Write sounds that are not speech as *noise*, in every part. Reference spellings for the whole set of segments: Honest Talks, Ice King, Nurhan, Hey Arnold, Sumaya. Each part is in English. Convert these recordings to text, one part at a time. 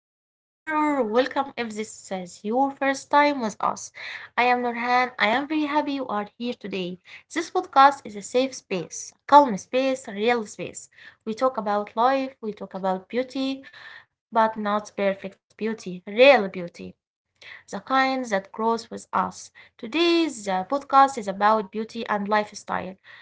back. Or welcome if this is your first time with us. I am Nurhan. I am very happy you are here today. This podcast is a safe space, a calm space, a real space. We talk about life, we talk about beauty, but not perfect beauty, real beauty, the kind that grows with us. Today's podcast is about beauty and lifestyle,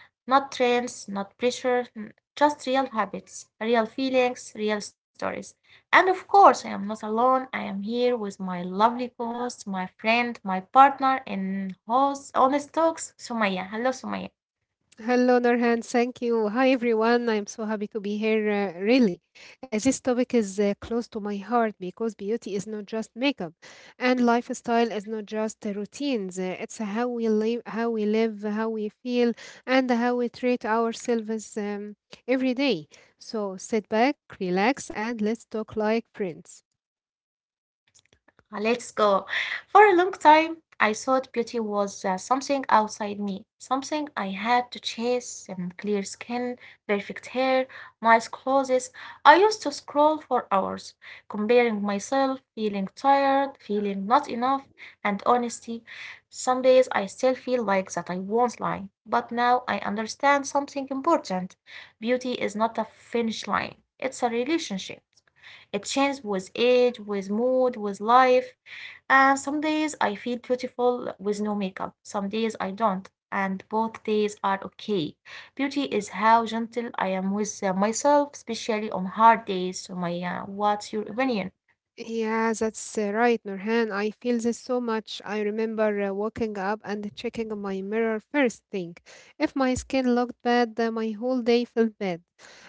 not trends, not pressure, just real habits, real feelings, real stories. And of course, I am not alone. I am here with my lovely co-host, my friend, my partner in host Honest Talks, Sumaya. Hello, Sumaya. Hello, Nurhan. Thank you. Hi, everyone. I'm so happy to be here. Really, this topic is close to my heart because beauty is not just makeup, and lifestyle is not just routines. It's how we live, how we live, how we feel, and how we treat ourselves every day. So sit back, relax, and let's talk like friends. Let's go. For a long time, I thought beauty was something outside me, something I had to chase, clear skin, perfect hair, nice clothes. I used to scroll for hours, comparing myself, feeling tired, feeling not enough, and honestly, some days I still feel like that. I won't lie. But now I understand something important. Beauty is not a finish line, it's a relationship. It changes with age, with mood, with life. And some days I feel beautiful with no makeup. Some days I don't. And both days are okay. Beauty is how gentle I am with myself, especially on hard days. So, Maya, what's your Y- opinion? Yeah, that's right, Nurhan. I feel this so much. I remember waking up and checking my mirror first thing. If my skin looked bad, my whole day felt bad.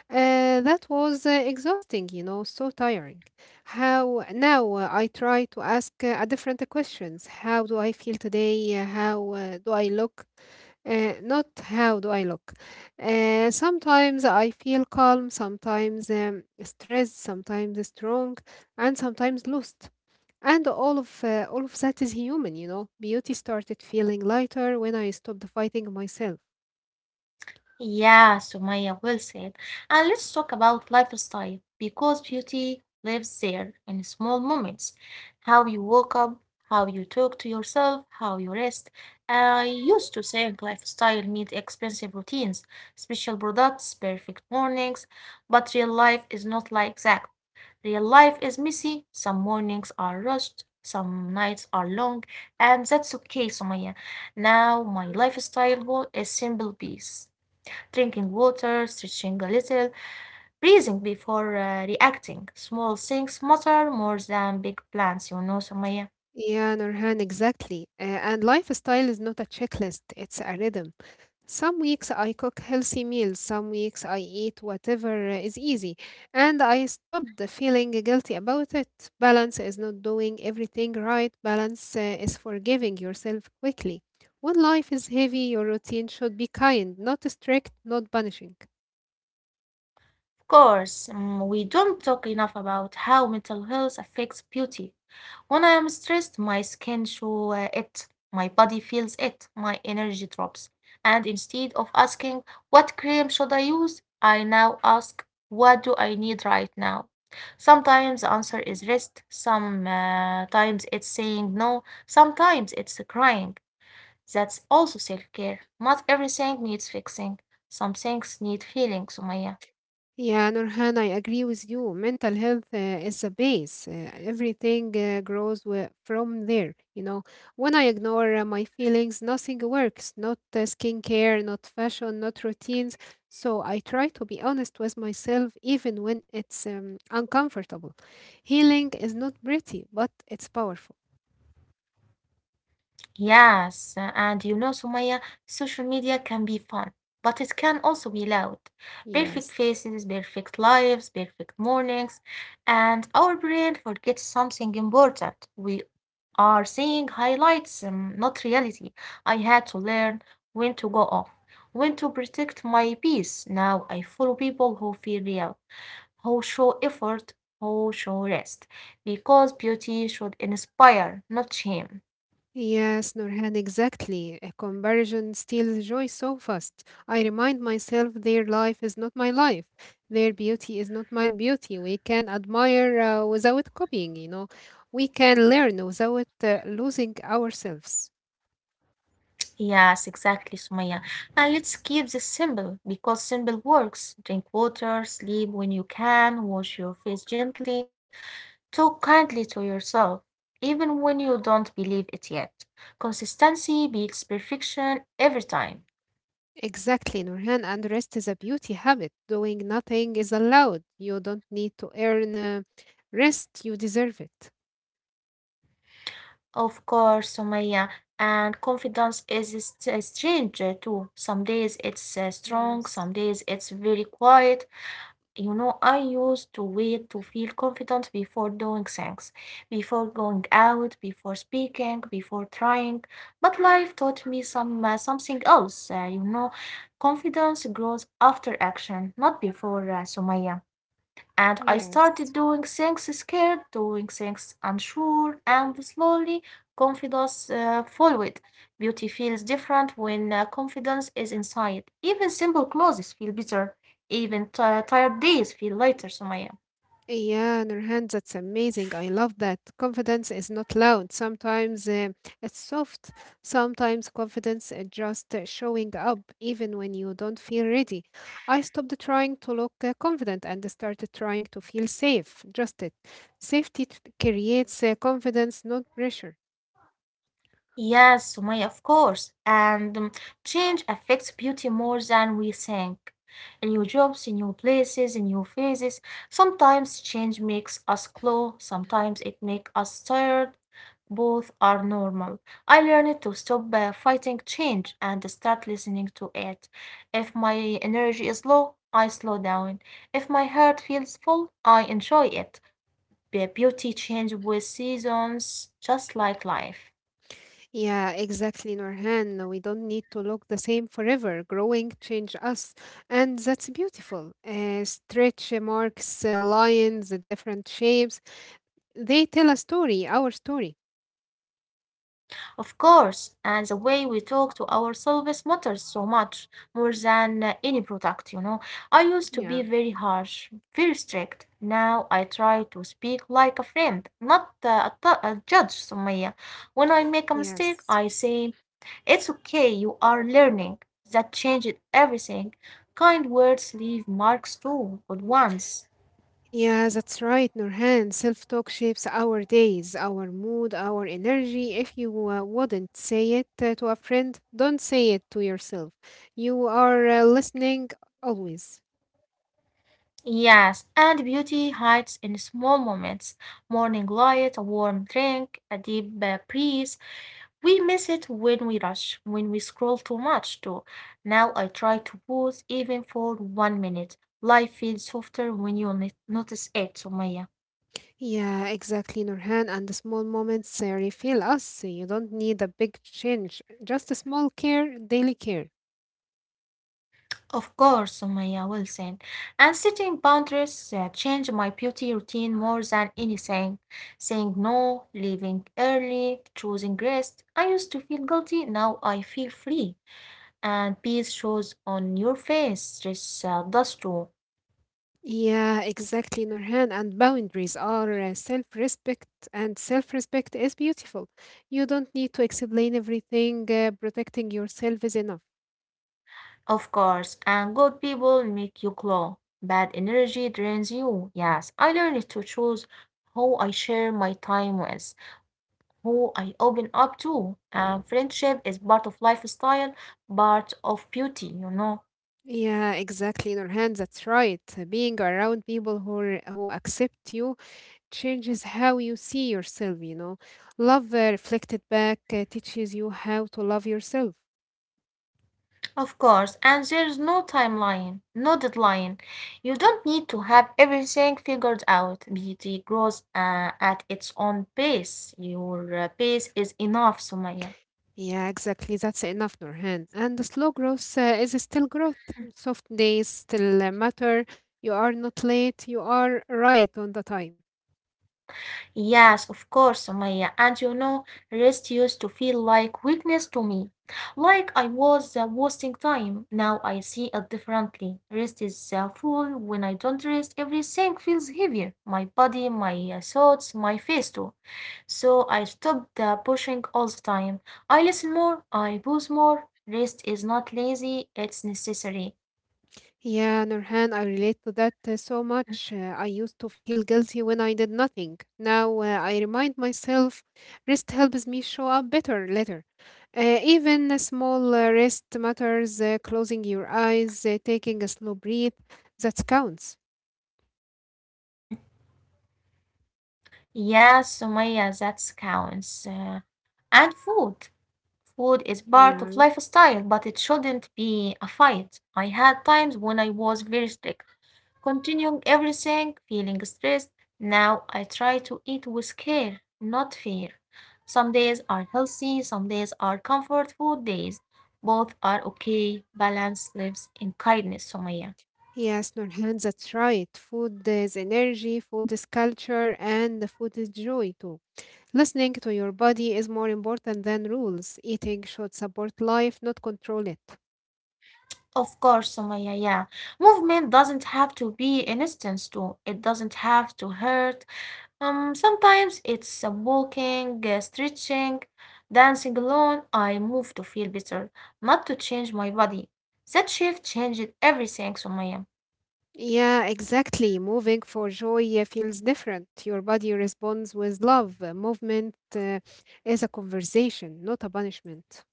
That was exhausting, so tiring. How now I try to ask a different questions. How do I feel today? How do I look? Not how do I look. Sometimes I feel calm, sometimes stressed, sometimes strong, and sometimes lost. And all of that is human, you know. Beauty started feeling lighter when I stopped fighting myself. Yeah, Sumaya, well said. And let's talk about lifestyle because beauty lives there in small moments. How you woke up, how you talk to yourself, how you rest. I used to think lifestyle means expensive routines, special products, perfect mornings, but real life is not like that. Real life is messy. Some mornings are rushed, some nights are long, and that's okay, Sumaya. Now my lifestyle goal is simple peace, drinking water, stretching a little, breathing before reacting. Small things matter more than big plans, you know, Samaya. Yeah, Nurhan, exactly. And lifestyle is not a checklist, it's a rhythm. Some weeks I cook healthy meals, some weeks I eat whatever is easy, and I stopped feeling guilty about it. Balance is not doing everything right, balance is forgiving yourself quickly. When life is heavy, your routine should be kind, not strict, not punishing. Of course. We don't talk enough about how mental health affects beauty. When I am stressed, my skin shows it, my body feels it, my energy drops. And instead of asking, what cream should I use? I now ask, what do I need right now? Sometimes the answer is rest, sometimes it's saying no, sometimes it's crying. That's also self care. Not everything needs fixing, some things need feeling, Sumaya. Yeah, Nurhan, I agree with you. Mental health is the base. Everything grows from there. You know, when I ignore my feelings, nothing works. Not skincare, not fashion, not routines. So I try to be honest with myself, even when it's uncomfortable. Healing is not pretty, but it's powerful. Yes, and you know, Sumaya, social media can be fun, but it can also be loud. Perfect Yes. faces, perfect lives, perfect mornings, and our brain forgets something important. We are seeing highlights, not reality. I had to learn when to go off, when to protect my peace. Now I follow people who feel real, who show effort, who show rest, because beauty should inspire, not shame. Yes, Nurhan, exactly. A comparison steals joy so fast. I remind myself their life is not my life. Their beauty is not my beauty. We can admire without copying, you know. We can learn without losing ourselves. Yes, exactly, Sumaya. And let's keep this simple because simple works. Drink water, sleep when you can, wash your face gently, talk kindly to yourself, even when you don't believe it yet. Consistency beats perfection every time. Exactly, Nurhan, and rest is a beauty habit. Doing nothing is allowed. You don't need to earn rest, you deserve it. Of course, Sumaya. And confidence is a strange too. Some days it's strong, Yes, some days it's very quiet. You know, I used to wait to feel confident before doing things, before going out, before speaking, before trying. But life taught me something else. You know, confidence grows after action, not before, Sumaya. And I yes. started doing things scared, doing things unsure, and slowly confidence followed. Beauty feels different when confidence is inside. Even simple clothes feel better. Even tired days feel lighter, Sumaya. Yeah, Nurhan, that's amazing. I love that. Confidence is not loud. Sometimes it's soft. Sometimes confidence is just showing up, even when you don't feel ready. I stopped trying to look confident and started trying to feel safe. Just it. Creates confidence, not pressure. Yes, Sumaya, of course. And change affects beauty more than we think. In new jobs, in new places, in new phases. Sometimes change makes us slow, sometimes it makes us tired. Both are normal. I learned to stop fighting change and start listening to it. If my energy is low, I slow down. If my heart feels full, I enjoy it. Beauty change with seasons, just like life. Yeah, exactly, Norhan. We don't need to look the same forever. Growing change us, and that's beautiful. Stretch marks, lines, the different shapes, they tell a story, our story. Of course, and the way we talk to ourselves matters so much more than any product, you know. I used to Yeah. be very harsh, very strict. Now I try to speak like a friend, not a judge, Sumaya. When I make a mistake, I Yes. say, it's okay, you are learning. That changed everything. Kind words leave marks too, good ones. Yeah, that's right, Norhan. Self-talk shapes our days, our mood, our energy. If you wouldn't say it to a friend, don't say it to yourself. You are listening always. Yes, and beauty hides in small moments. Morning light, a warm drink, a deep breeze. We miss it when we rush, when we scroll too much too. Now I try to pause even for one minute. Life feels softer when you notice it, Sumaya. Yeah, exactly, Nurhan. And the small moments refill us. You don't need a big change, just a small care, daily care. Of course, Sumaya Wilson. And setting boundaries changed my beauty routine more than anything. Saying no, leaving early, choosing rest. I used to feel guilty, now I feel free, and peace shows on your face. This does too, Yeah, exactly, Nurhan. And boundaries are self respect, and self respect is beautiful. You don't need to explain everything, protecting yourself is enough. of course. And good people make you glow. Bad energy drains you. Yes, I learned to choose who I share my time with, who I open up to. And friendship is part of lifestyle, part of beauty, you know. Yeah, exactly, Nurhan. That's right. Being around people who accept you, changes how you see yourself, you know. Love reflected back teaches you how to love yourself. Of course, and there's no timeline, no deadline. You don't need to have everything figured out. Beauty grows at its own pace. Your pace is enough, Sumaya. Yeah, exactly. That's enough, Nurhan. And the slow growth is still growth. Soft days still matter. You are not late. You are right on the time. Yes, of course, Sumaya. And you know, rest used to feel like weakness to me. Like I was wasting time. Now I see it differently. Rest is full. When I don't rest, everything feels heavier. My body, my thoughts, my face too. So I stopped pushing all the time. I listen more. I pause more. Rest is not lazy. It's necessary. Yeah, Nurhan, I relate to that so much. I used to feel guilty when I did nothing. Now I remind myself rest helps me show up better later. Even a small rest matters, closing your eyes, taking a slow breath, that counts. Yes, Sumaya, that counts. And food. Food is part Yeah. of lifestyle, but it shouldn't be a fight. I had times when I was very strict, continuing everything, feeling stressed. Now I try to eat with care, not fear. Some days are healthy, some days are comfort food days. Both are okay. Balance lives in kindness, Somaya. Yes, Nurhan, that's right. Food is energy, food is culture, and the food is joy too. Listening to your body is more important than rules. Eating should support life, not control it. Of course, Somaya, yeah. Movement doesn't have to be an instance too. It doesn't have to hurt. Sometimes it's walking, stretching, dancing alone. I move to feel better, not to change my body. That shift changed everything, Sumaya. Yeah, exactly. Moving for joy feels different. Your body responds with love. Movement is a conversation, not a punishment.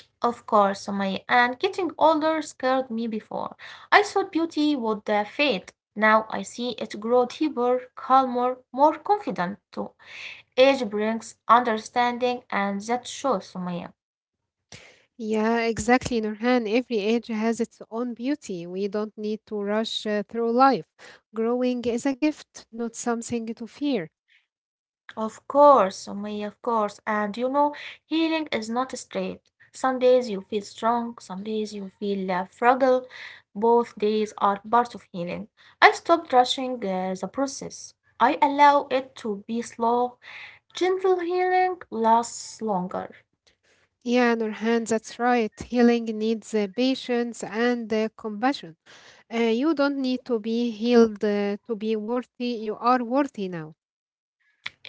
Of course, Sumaya. And getting older scared me before. I thought beauty would fade. Now I see it grow deeper, calmer, more confident too. Age brings understanding, and that shows, Sumaya. Yeah, exactly, Nurhan. Every age has its own beauty. We don't need to rush through life. Growing is a gift, not something to fear. Of course, Sumaya, of course. And you know, healing is not straight. Some days you feel strong, some days you feel fragile. Both days are part of healing. I stopped rushing the process. I allow it to be slow. Gentle healing lasts longer. Yeah, Nurhan, that's right. Healing needs patience and compassion. You don't need to be healed to be worthy. You are worthy now.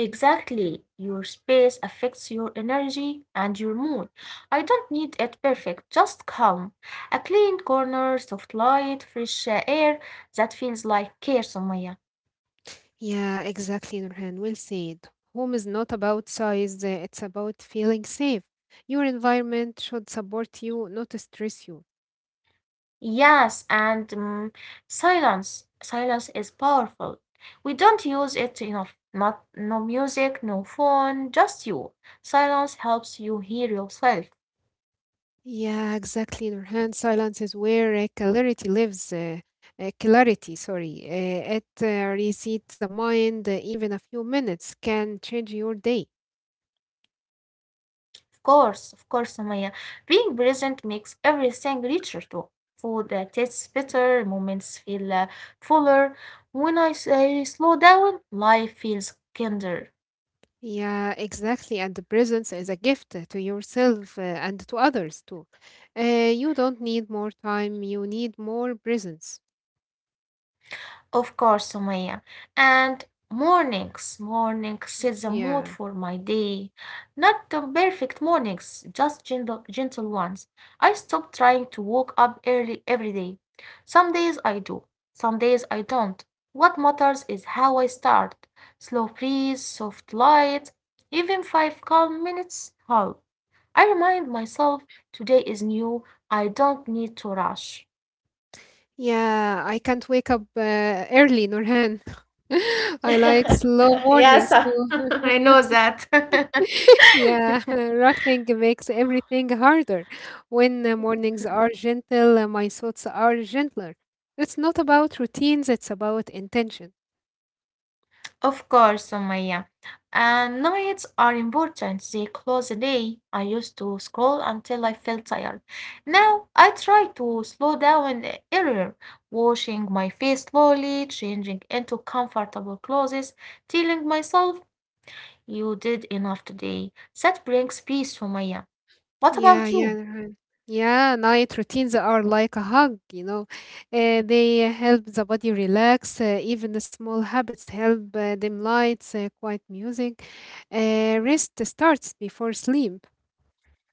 Exactly. Your space affects your energy and your mood. I don't need it perfect, just calm. A clean corner, soft light, fresh air, that feels like care, Sumaya. Yeah, exactly, Nurhan. Well said. Home is not about size, it's about feeling safe. Your environment should support you, not stress you. Yes, and silence. Silence is powerful. We don't use it enough. Not no music, no phone, just you. Silence helps you hear yourself. Yeah, exactly, Nurhan. Silence is where clarity lives. Clarity, sorry. It resets the mind. Even a few minutes can change your day. Of course, Sumaya. Being present makes everything richer too. Food tastes better, moments feel fuller. When I slow down, life feels kinder. Yeah, exactly. And the presence is a gift to yourself and to others too. You don't need more time, you need more presence. Of course, Sumaya. And mornings, mornings set the mood Yeah. for my day. Not the perfect mornings, just gentle, gentle ones. I stop trying to wake up early every day. Some days I do, some days I don't. What matters is how I start. Slow breeze, soft light, even 5 calm minutes help. I remind myself today is new. I don't need to rush. Yeah, I can't wake up early, Nurhan. *laughs* I like *laughs* slow Yes, mornings *laughs* too. I know that. *laughs* *laughs* Yeah, *laughs* rushing makes everything harder. When the mornings are gentle, my thoughts are gentler. It's not about routines, it's about intention. Of course, Sumaya. And nights are important. They close the day. I used to scroll until I felt tired. Now I try to slow down earlier, washing my face slowly, changing into comfortable clothes, telling myself, you did enough today. That brings peace, Sumaya. What about Yeah, you? yeah, Yeah, night routines are like a hug, you know. They help the body relax. Even the small habits help dim lights, quiet music. Rest starts before sleep.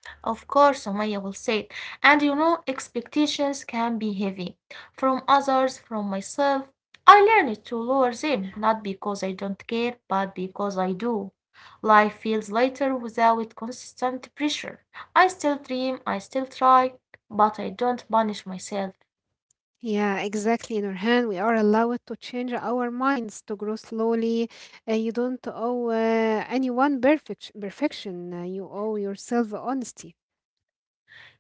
Of course, Sumaya will say. And you know, expectations can be heavy, from others, from myself. I learned to lower them, not because I don't care, but because I do. Life feels lighter without constant pressure. I still dream, I still try, but I don't punish myself. Yeah, exactly. In our hand, we are allowed to change our minds to grow slowly. You don't owe anyone perfect perfection. You owe yourself honesty.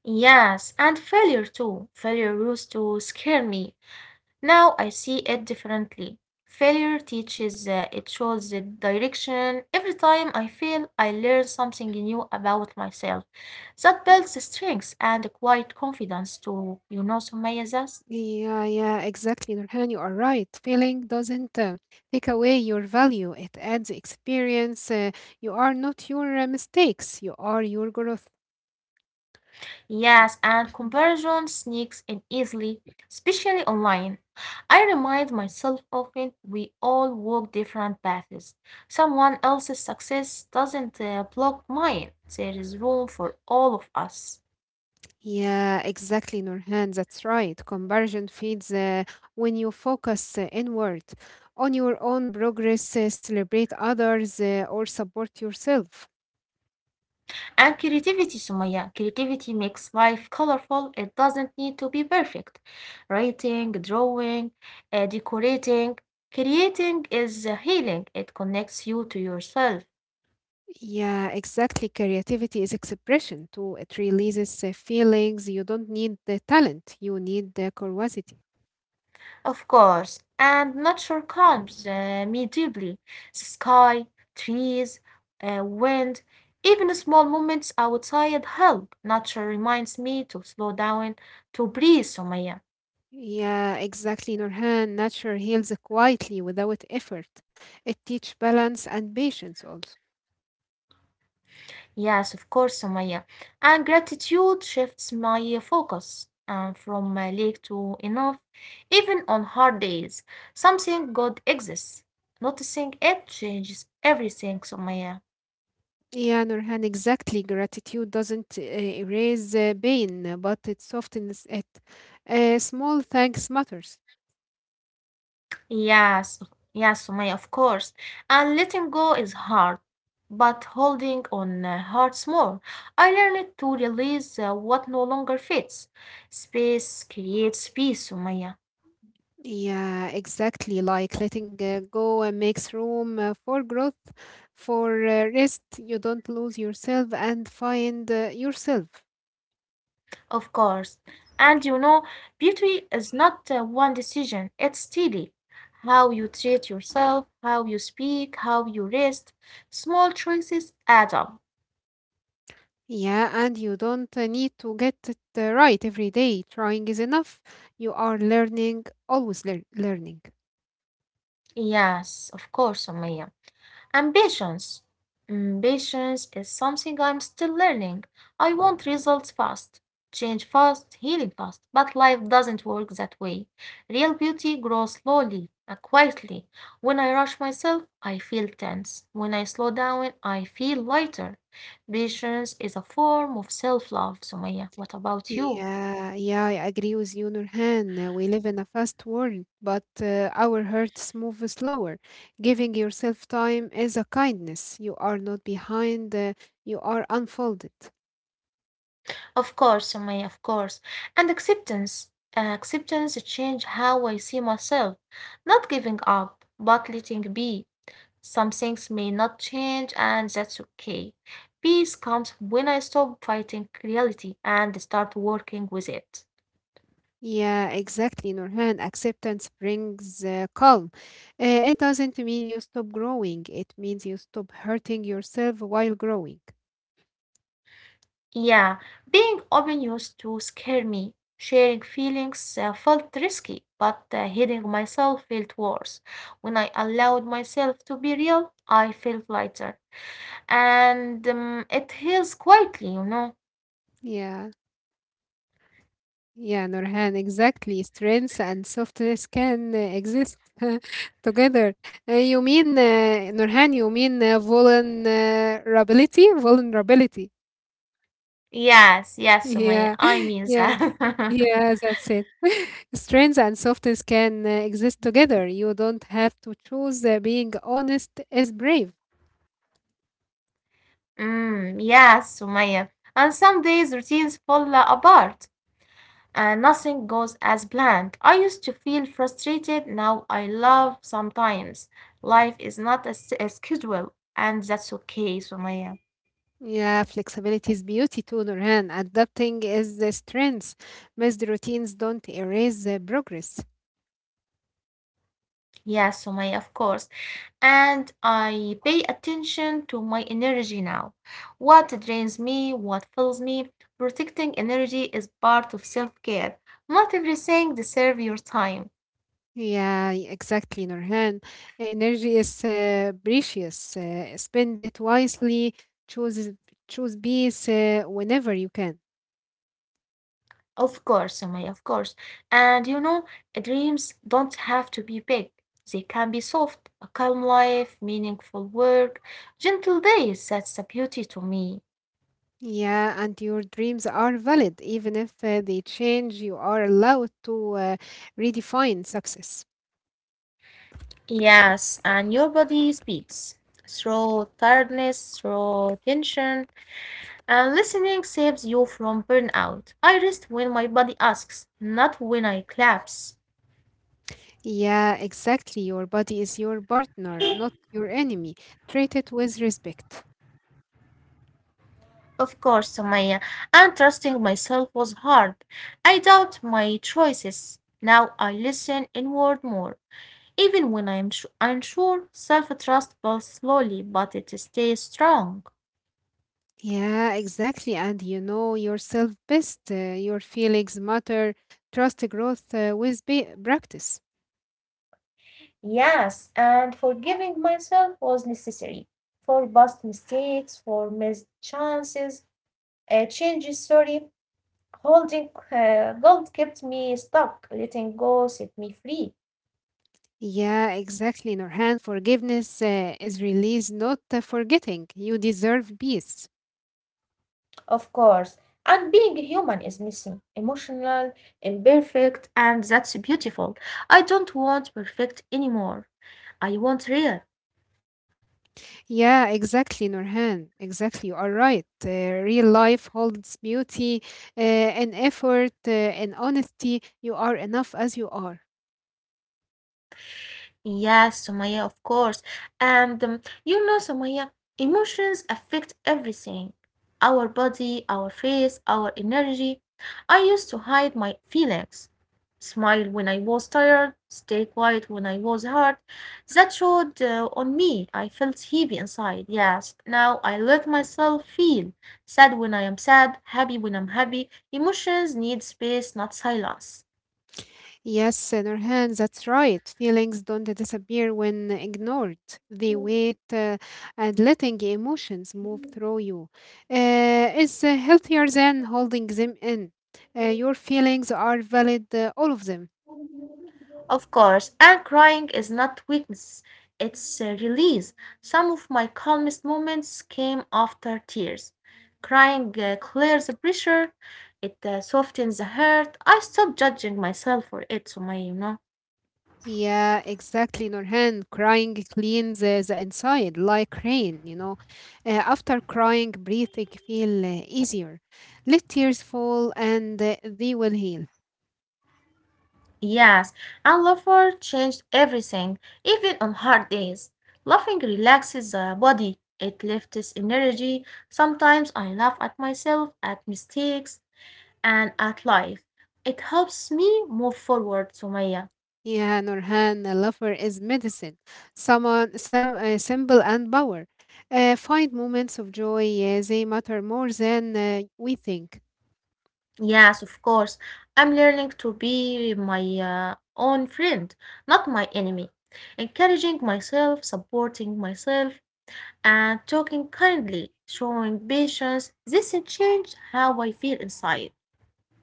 Yes, and failure too. Failure used to scare me. Now I see it differently. Failure teaches, it shows the direction. Every time I fail, I learn something new about myself. That builds strength and quite confidence too. You know, Sumaya, this? Yeah, exactly, Nurhan. You are right. Failing doesn't take away your value. It adds experience. You are not your mistakes. You are your growth. Yes, and *clears throat* comparison sneaks in easily, especially online. I remind myself often we all walk different paths. Someone else's success doesn't block mine. There is room for all of us. Yeah, exactly, Nurhan. That's right. Comparison fades when you focus inward on your own progress, celebrate others, or support yourself. And creativity, Sumaya. Creativity makes life colorful. It doesn't need to be perfect. Writing, drawing, decorating, creating is healing. It connects you to yourself, Yeah, exactly. Creativity is expression too. It releases feelings. You don't need the talent, you need the curiosity. of course. And nature calms me deeply. The sky, trees, wind, even small moments outside help. Nature reminds me to slow down, to breathe, Sumaya. Yeah, exactly, Nurhan. Nature heals quietly without effort. It teaches balance and patience also. Yes, of course, Sumaya. And gratitude shifts my focus from lack to enough, even on hard days. Something good exists. Noticing it changes everything, Sumaya. Yeah, Nurhan, exactly. Gratitude doesn't erase pain, but it softens it. Small thanks matters. Yes, yes, Sumaya, of course. And letting go is hard, but holding on hurts more. I learned to release what no longer fits. Space creates peace, Sumaya. Yeah, exactly. Like letting go and makes room for growth, for rest. You don't lose yourself and find yourself. Of course. And you know, beauty is not one decision, it's steady. How you treat yourself, how you speak, how you rest, small choices add up. Yeah, and you don't need to get it right every day. Trying is enough. You are learning, always learning. Yes, of course, Sumaya. Ambitions. Ambitions is something I'm still learning. I want results fast, change fast, healing fast, but life doesn't work that way. Real beauty grows slowly, quietly. When I rush myself, I feel tense. When I slow down, I feel lighter. Patience is a form of self love, Sumaya. What about you? Yeah, I agree with you, Nurhan. We live in a fast world, but our hearts move slower. Giving yourself time is a kindness. You are not behind, you are unfolded. Of course, Sumaya, of course. And acceptance. Acceptance change how I see myself. Not giving up, but letting be. Some things may not change, and that's okay. Peace comes when I stop fighting reality and start working with it. Yeah, exactly, Nurhan. Acceptance brings calm. It doesn't mean you stop growing, it means you stop hurting yourself while growing. Yeah, being open used to scare me. Sharing feelings felt risky, but hiding myself felt worse. When I allowed myself to be real, I felt lighter. And it heals quietly, you know. Yeah. Yeah, Nurhan, exactly. Strengths and softness can exist *laughs* together. Nurhan, you mean vulnerability? Vulnerability. *laughs* Yes, yes, Yeah, Sumaya, *laughs* I yeah, mean that. yeah, *laughs* that's it. *laughs* Strengths and softness can exist together. You don't have to choose being honest is brave. Mm, yes, Sumaya. And some days routines fall apart and nothing goes as planned. I used to feel frustrated, now I love sometimes. Life is not a schedule, and that's okay, Sumaya. Yeah, flexibility is beauty too, Nurhan. Adapting is the strength. Missed routines don't erase the progress. Yes, Sumaya, of course. And I pay attention to my energy now. What drains me, what fills me. Protecting energy is part of self care. Not everything deserves your time. Yeah, exactly, Nurhan. Energy is precious. Spend it wisely. Choose Choose peace whenever you can. Of course, Sumaya, of course. And you know, dreams don't have to be big, they can be soft. A calm life, meaningful work, gentle days. That's the beauty to me. Yeah, and your dreams are valid, even if they change. You are allowed to redefine success. Yes, and your body speaks through tiredness, through tension, and listening saves you from burnout. I rest when my body asks, not when I collapse. Yeah, exactly. Your body is your partner, not your enemy. Treat it with respect. Of course, Samaya, and trusting myself was hard. I doubt my choices. Now I listen inward more. Even when I am unsure, self trust builds slowly, but it stays strong. Yeah, exactly. And you know yourself best. Your feelings matter. Trust growth with practice. Yes, and forgiving myself was necessary. For past mistakes, for missed chances, changes, sorry, holding gold kept me stuck, letting go set me free, Yeah, exactly. Nurhan, forgiveness is release, not forgetting. You deserve peace. of course. And being human is missing, emotional, imperfect, and that's beautiful. I don't want perfect anymore. I want real. Yeah, exactly, Nurhan. Exactly. You are right. Real life holds beauty and effort and honesty. You are enough as you are. Yes, Somaya, of course. And you know, Somaya, emotions affect everything, our body, our face, our energy. I used to hide my feelings. Smile when I was tired, stay quiet when I was hurt. That showed on me. I felt heavy inside. Yes, now I let myself feel sad when I am sad, happy when I'm happy. Emotions need space, not silence. Yes, Nurhan, that's right. Feelings don't disappear when ignored. They wait and letting emotions move through you is healthier than holding them in. Your feelings are valid, all of them. Of course, and crying is not weakness, it's a release. Some of my calmest moments came after tears. Crying clears the pressure, it softens the hurt. I stopped judging myself for it, so my, you know. Yeah, exactly, Nurhan. Crying cleans the inside like rain, you know. After crying, breathing feel easier. Let tears fall and they will heal. Yes, and laughter changed everything, even on hard days. Laughing relaxes the body, it lifts energy. Sometimes I laugh at myself, at mistakes, and at life. It helps me move forward, Sumaya. Yeah, Nurhan, a lover is medicine. Someone, some symbol and power. Find moments of joy. They matter more than we think. Yes, of course. I'm learning to be my own friend, not my enemy. Encouraging myself, supporting myself, and talking kindly, showing patience. This changed how I feel inside.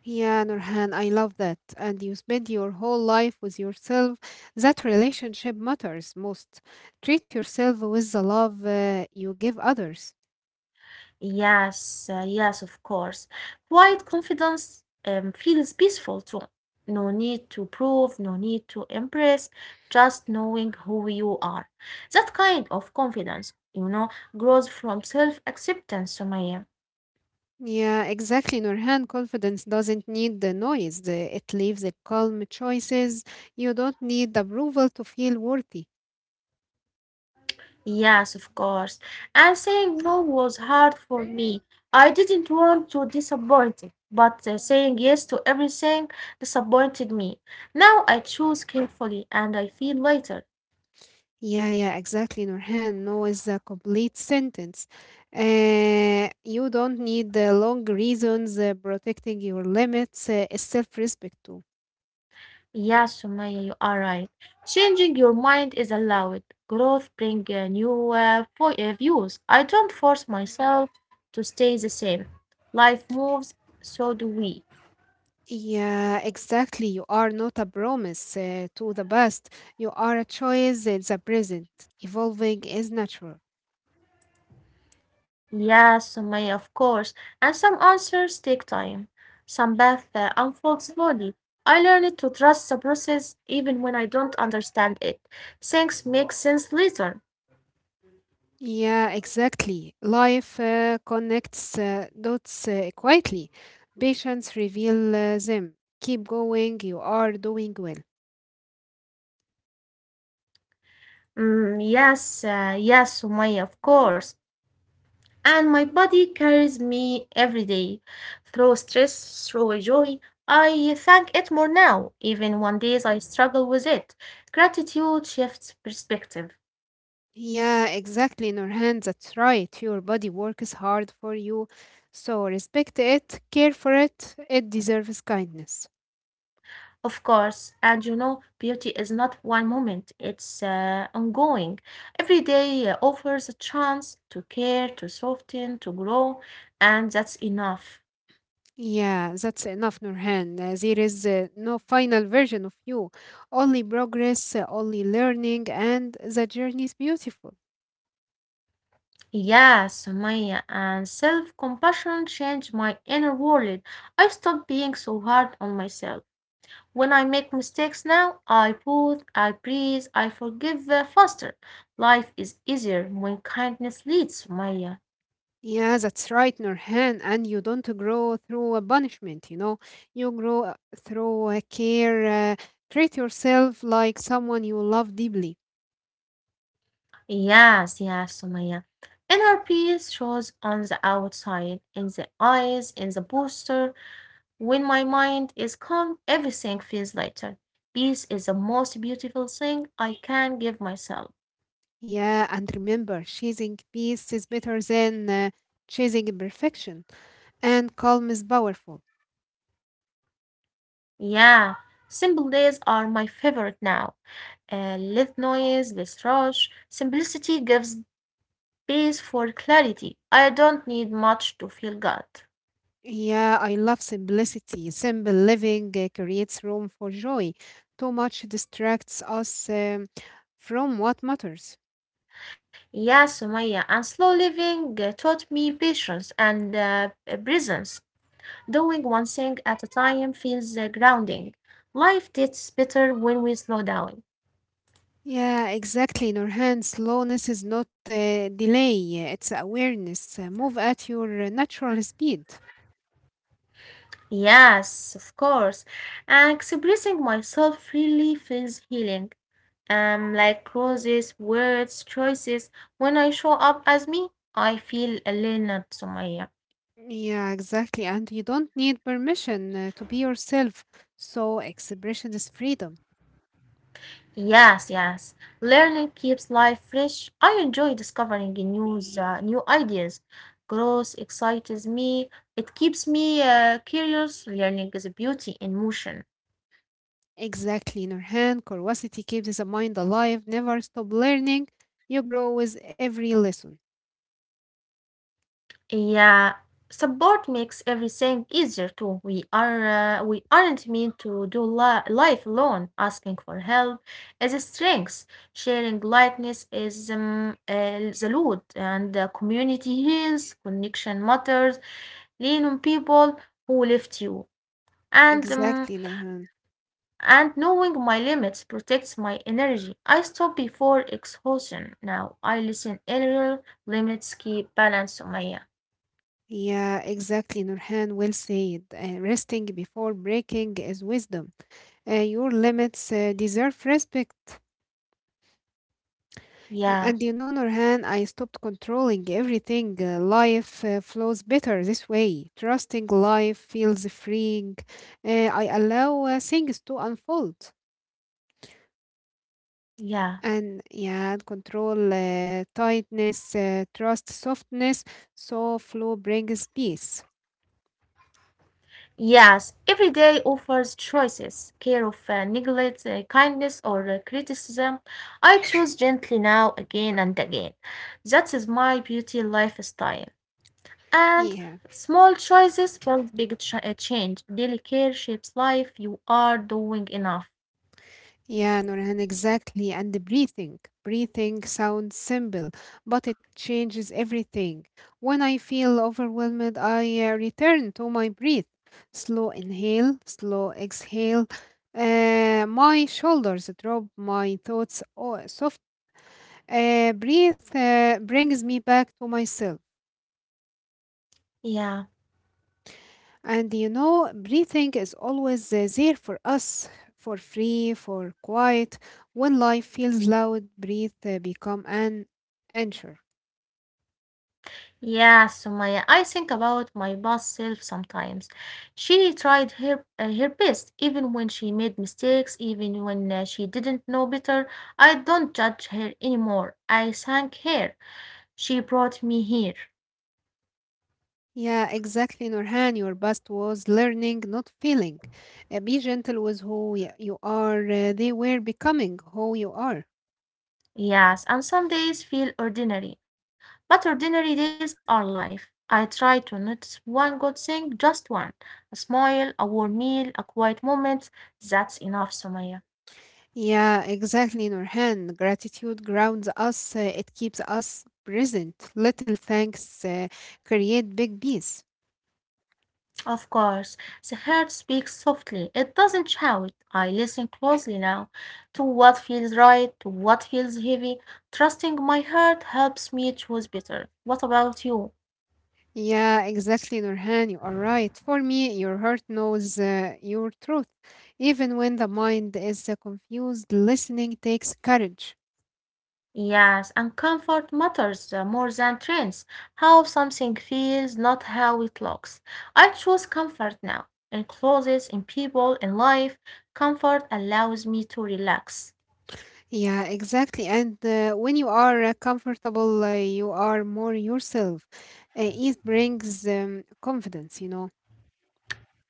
Yeah, Nurhan, I love that. And you spend your whole life with yourself. That relationship matters most. Treat yourself with the love you give others. Yes, yes, of course. Quiet confidence feels peaceful too. No need to prove, no need to impress, just knowing who you are. That kind of confidence, you know, grows from self-acceptance, Sumaya. Yeah, exactly, Nurhan. Confidence doesn't need the noise. It leaves the calm choices. You don't need approval to feel worthy. Yes, of course. And saying no was hard for me. I didn't want to disappoint it, but saying yes to everything disappointed me. Now I choose carefully and I feel lighter. Yeah, exactly, Nurhan. No is a complete sentence. You don't need the long reasons. Protecting your limits is self-respect too. Yeah, Sumaya, you are right. Changing your mind is allowed. Growth brings new views. I don't force myself to stay the same. Life moves, so do we. Yeah, exactly. You are not a promise to the past. You are a choice in the present. Evolving is natural. Yes, Sumaya, of course. And some answers take time. Some paths unfold slowly. I learned to trust the process even when I don't understand it. Things make sense later. Yeah, exactly. Life connects dots quietly. Patience reveal them. Keep going. You are doing well. Mm, yes, yes, Sumaya, of course. And my body carries me every day through stress, through joy. I thank it more now, even when days I struggle with it. Gratitude shifts perspective, Yeah, exactly, Nurhan. That's right. Your body works hard for you. So respect it, care for it. It deserves kindness. of course. And you know, beauty is not one moment, it's ongoing. Every day offers a chance to care, to soften, to grow, and that's enough. Yeah, that's enough, Nurhan. There is no final version of you, only progress, only learning, and the journey is beautiful. Yes, Maya, and self compassion changed my inner world. I stopped being so hard on myself. When I make mistakes now, I pause, I breathe, I forgive faster. Life is easier when kindness leads, Sumaya. Yeah, that's right, Nurhan. And you don't grow through a punishment, you know. You grow through a care. Treat yourself like someone you love deeply. Yes, yes, Sumaya. Inner peace shows on the outside, in the eyes, in the posture. When my mind is calm, everything feels lighter. Peace is the most beautiful thing I can give myself. Yeah, and remember, chasing peace is better than chasing perfection. And calm is powerful. Yeah, simple days are my favorite now. Less noise, less rush. Simplicity gives peace for clarity. I don't need much to feel God. Yeah, I love simplicity. Simple living creates room for joy. Too much distracts us from what matters. Yes, Sumaya, and slow living taught me patience and presence. Doing one thing at a time feels grounding. Life gets better when we slow down. Yeah, exactly. In our hands, slowness is not delay, it's awareness. Move at your natural speed. Yes, of course. And expressing myself freely feels healing. Like roses, words, choices. When I show up as me, I feel a learned, Sumaya. Yeah, exactly. And you don't need permission to be yourself. So, expression is freedom. Yes, yes. Learning keeps life fresh. I enjoy discovering new ideas. Growth excites me. It keeps me curious. Learning is a beauty in motion. Exactly, Nurhan. Curiosity keeps the mind alive. Never stop learning. You grow with every lesson. Yeah, support makes everything easier too. We aren't meant to do life alone. Asking for help is a strength. Sharing lightness is the loot, and community heals. Connection matters, lean on people who lift you. And um, Exactly, Nurhan. and knowing my limits protects my energy. I stop before exhaustion. Now I listen earlier. Limits keep balance, Sumaya. Yeah, exactly, Nurhan. Well said. Resting before breaking is wisdom. Your limits deserve respect. Yeah, And you know, Nurhan, I stopped controlling everything. Life flows better this way. Trusting life feels freeing. I allow things to unfold. yeah. And yeah, control, tightness, trust, softness. So flow brings peace. Yes, every day offers choices, care of neglect, kindness, or criticism. I choose gently now again and again. That is my beauty lifestyle. And Yeah, small choices build big change. Daily care shapes life. You are doing enough. yeah, Nurhan, exactly. And the breathing. Breathing sounds simple, but it changes everything. When I feel overwhelmed, I return to my breath. Slow inhale, slow exhale. My shoulders drop, my thoughts soft. Breathe brings me back to myself. Yeah. And you know, breathing is always there for us, for free, for quiet. When life feels loud, breathe become an anchor. Yeah, Sumaya. I think about my boss self sometimes. She tried her best, even when she made mistakes, even when she didn't know better. I don't judge her anymore. I thank her. She brought me here. Yeah, exactly, Nurhan. Your best was learning, not feeling. Be gentle with who you are. They were becoming who you are. Yes, and some days feel ordinary, but ordinary days are life. I try to notice one good thing, just one. A smile, a warm meal, a quiet moment. That's enough, Sumaya. Yeah, exactly, Nurhan. Gratitude grounds us. It keeps us present. Little thanks create big peace. Of course, the heart speaks softly. It doesn't shout. I listen closely now to what feels right, to what feels heavy. Trusting my heart helps me choose better. What about you? Yeah, exactly, Nurhan. You are right. For me, your heart knows your truth. Even when the mind is confused, listening takes courage. Yes, and comfort matters more than trends. How something feels, not how it looks. I choose comfort now. In clothes, in people, in life, comfort allows me to relax. Yeah, exactly. And when you are comfortable, you are more yourself. It brings confidence, you know.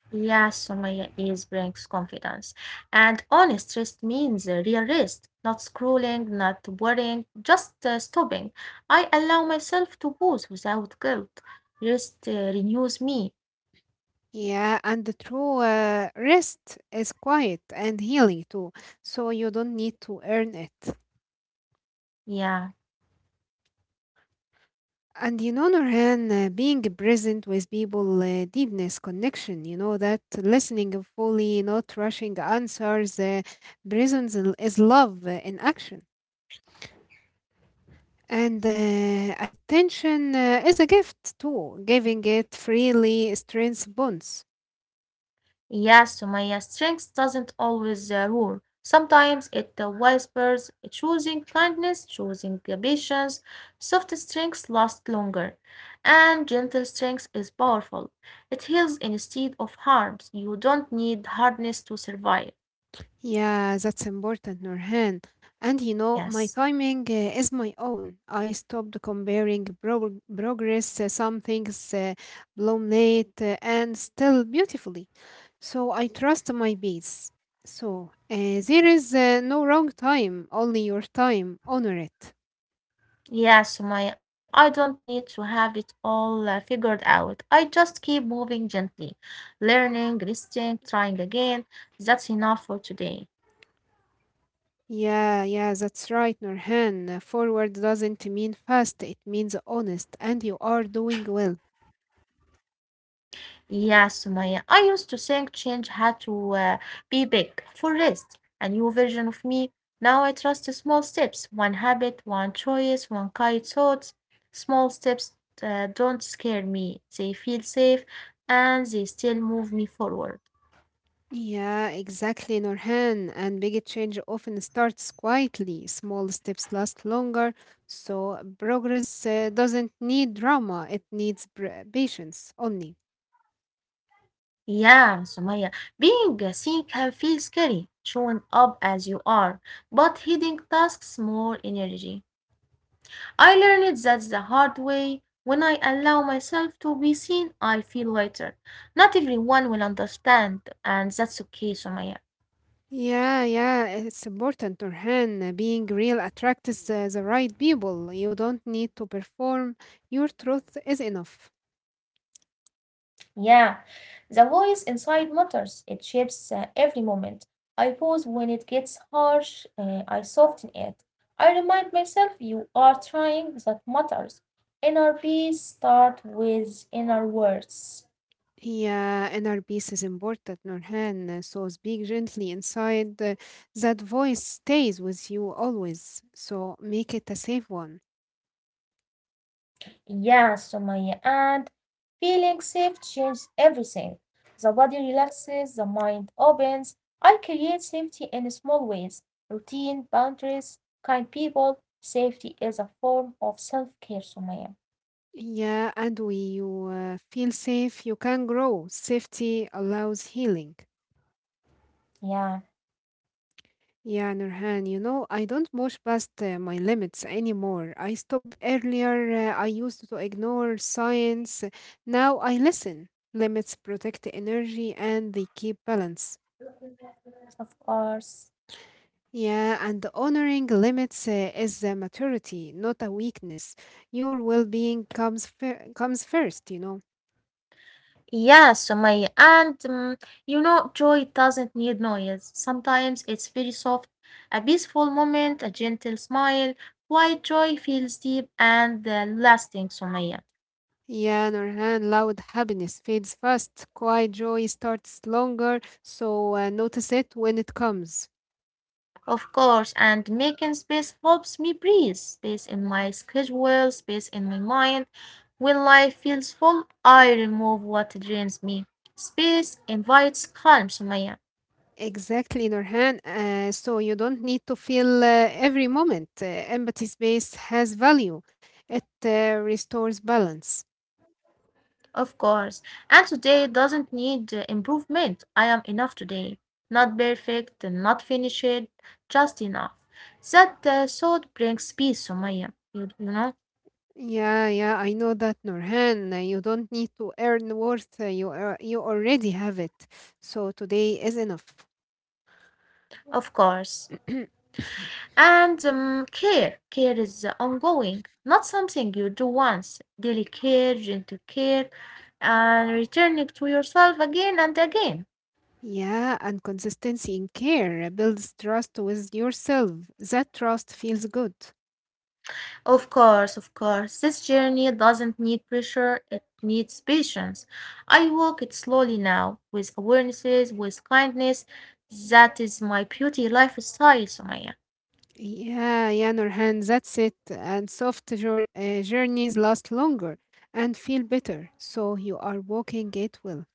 Yes, Sumaya is brings confidence. And honest rest means real rest, not scrolling, not worrying, just stopping. I allow myself to pause without guilt. Rest renews me. Yeah, and the true rest is quiet and healing too. So you don't need to earn it. Yeah. And you know, Norhan, being present with people, deepness, connection, you know, that listening fully, not rushing answers, is love in action. And attention is a gift too. Giving it freely strengthens bonds. Yeah, so strength doesn't always rule. Sometimes it whispers, choosing kindness, choosing the patience. Soft strengths last longer, and gentle strength is powerful. It heals instead of harms. You don't need hardness to survive. Yeah, that's important, Nurhan. And you know, my Yes. timing is my own. I stopped comparing progress, some things blown late and still beautifully. So I trust my beats. So there is no wrong time, only your time. Honor it. Yeah, so I don't need to have it all figured out. I just keep moving gently, learning, listening, trying again. That's enough for today. Yeah, yeah, that's right, Nurhan. Forward doesn't mean fast, it means honest, and you are doing well. Yeah, Sumaya. I used to think change had to be big for rest, a new version of me. Now I trust small steps, one habit, one choice, one kind thought. Small steps don't scare me. They feel safe and they still move me forward. Yeah, exactly, Norhan. And big change often starts quietly. Small steps last longer, so progress doesn't need drama. It needs patience only. Yeah, Sumaya. Being a seen can feel scary, showing up as you are, but hiding tasks more energy. I learned that the hard way. When I allow myself to be seen, I feel lighter. Not everyone will understand, and that's okay, Sumaya. Yeah, yeah, it's important, Norhan. Being real attracts the right people. You don't need to perform. Your truth is enough. Yeah, the voice inside matters. It shapes every moment. I pause when it gets harsh, I soften it. I remind myself you are trying, that matters. Inner peace start with inner words. Yeah, inner peace is important, Nurhan. So speak gently inside. That voice stays with you always. So make it a safe one. Yeah, Sumaya. And feeling safe changes everything. The body relaxes, the mind opens. I create safety in small ways, routine, boundaries, kind people. Safety is a form of self care, Sumaya. Yeah, and when you feel safe, you can grow. Safety allows healing. Yeah, Yeah, Nurhan, you know, I don't push past my limits anymore. I stopped earlier. I used to ignore science. Now I listen. Limits protect energy and they keep balance. of course. Yeah, and honoring limits is a maturity, not a weakness. Your well-being comes first, you know. Yeah, Sumaya. And you know, joy doesn't need noise. Sometimes it's very soft, a peaceful moment, a gentle smile. Quiet joy feels deep and lasting, Sumaya. Yeah, Nurhan, loud happiness fades fast, quiet joy starts longer, so notice it when it comes. Of course, and making space helps me breathe. Space in my schedule, space in my mind. When life feels full, I remove what drains me. Space invites calm, Sumaya. Exactly, Nurhan. So you don't need to feel every moment. Empathy space has value. It restores balance. Of course. And today doesn't need improvement. I am enough today. Not perfect, not finished, just enough. That thought brings peace, Sumaya. You know? Yeah, yeah, I know that, Nurhan. You don't need to earn worth. You already have it. So today is enough. Of course. *coughs* *clears throat* And care. Care is ongoing, not something you do once. Daily care, gentle care, and returning to yourself again and again. Yeah, and consistency in care builds trust with yourself. That trust feels good. Of course, of course. This journey doesn't need pressure, it needs patience. I walk it slowly now, with awarenesses, with kindness. That is my beauty lifestyle, Sumaya. Yeah, yeah, Nurhan, that's it. And soft journeys last longer and feel better. So you are walking it well.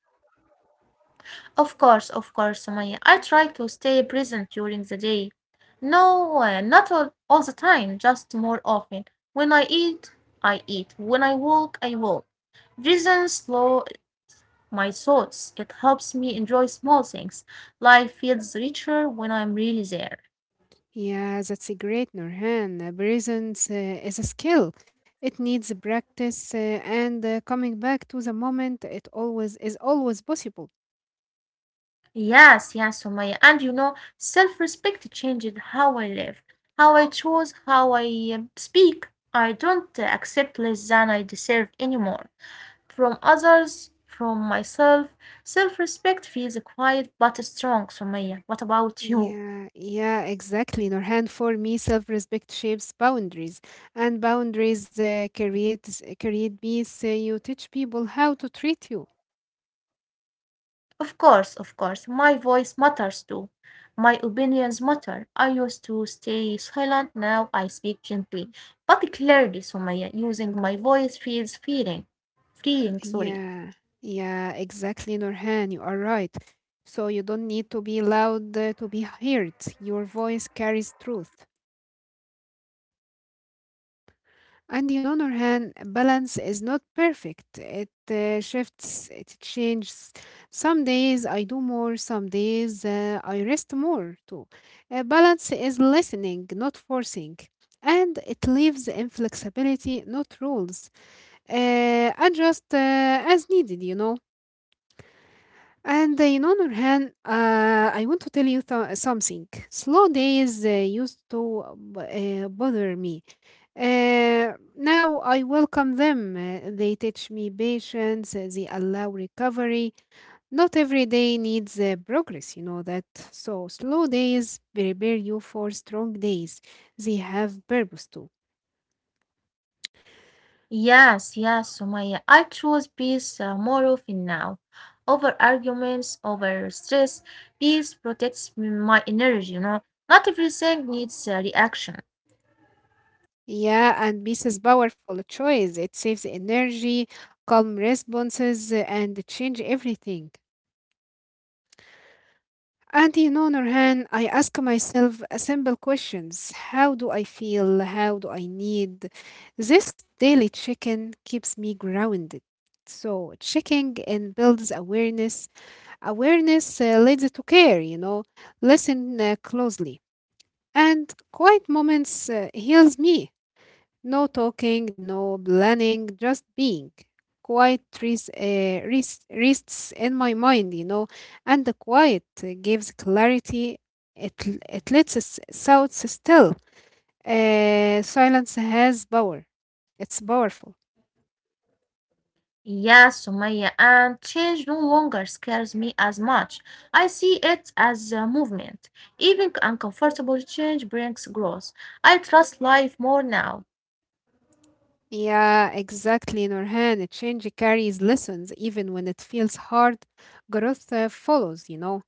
Of course, Sumaya. I try to stay present during the day. No, not all the time, just more often. When I eat, I eat. When I walk, I walk. Presence slow, my thoughts. It helps me enjoy small things. Life feels richer when I'm really there. Yeah, that's a great, Nurhan. Presence is a skill. It needs practice and coming back to the moment. It always possible. Yes, yes, Sumaya. And you know, self respect changes how I live, how I choose, how I speak. I don't accept less than I deserve anymore. From others, from myself, self respect feels quiet but strong, Sumaya. What about you? Yeah, yeah, exactly, Nurhan. For me, self-respect shapes boundaries, and boundaries create peace. You teach people how to treat you. Of course, my voice matters too. My opinions matter. I used to stay silent, now I speak gently, but clearly, Sumaya, using my voice feels freeing. Freeing, sorry. Yeah, yeah, exactly, Nurhan. You are right. So you don't need to be loud to be heard. Your voice carries truth. And on other hand, balance is not perfect. It shifts, it changes. Some days I do more, some days I rest more too. Balance is listening, not forcing. And it leaves inflexibility, not rules. Adjust as needed, you know. And on other hand, I want to tell you something. Slow days used to bother me, now I welcome them. They teach me patience, they allow recovery. Not every day needs progress, you know that. So, slow days prepare you for strong days. They have purpose too. Yes, yes, Sumaya, I choose peace more often now. Over arguments, over stress, peace protects my energy, you know. Not everything needs a reaction. Yeah, and peace is powerful choice. It saves energy, calm responses, and change everything. And you know, Nurhan, I ask myself a simple questions. How do I feel? How do I need? This daily check-in keeps me grounded. So checking in builds awareness. Awareness leads to care, you know. Listen closely. And quiet moments heals me. No talking, no planning, just being. Quiet rests in my mind, you know, and the quiet gives clarity. It lets us out still. Silence has power. It's powerful. Yeah, Sumaya, and change no longer scares me as much. I see it as a movement. Even uncomfortable change brings growth. I trust life more now. Yeah, exactly, Nurhan. A Change carries lessons even when it feels hard. Growth follows, you know.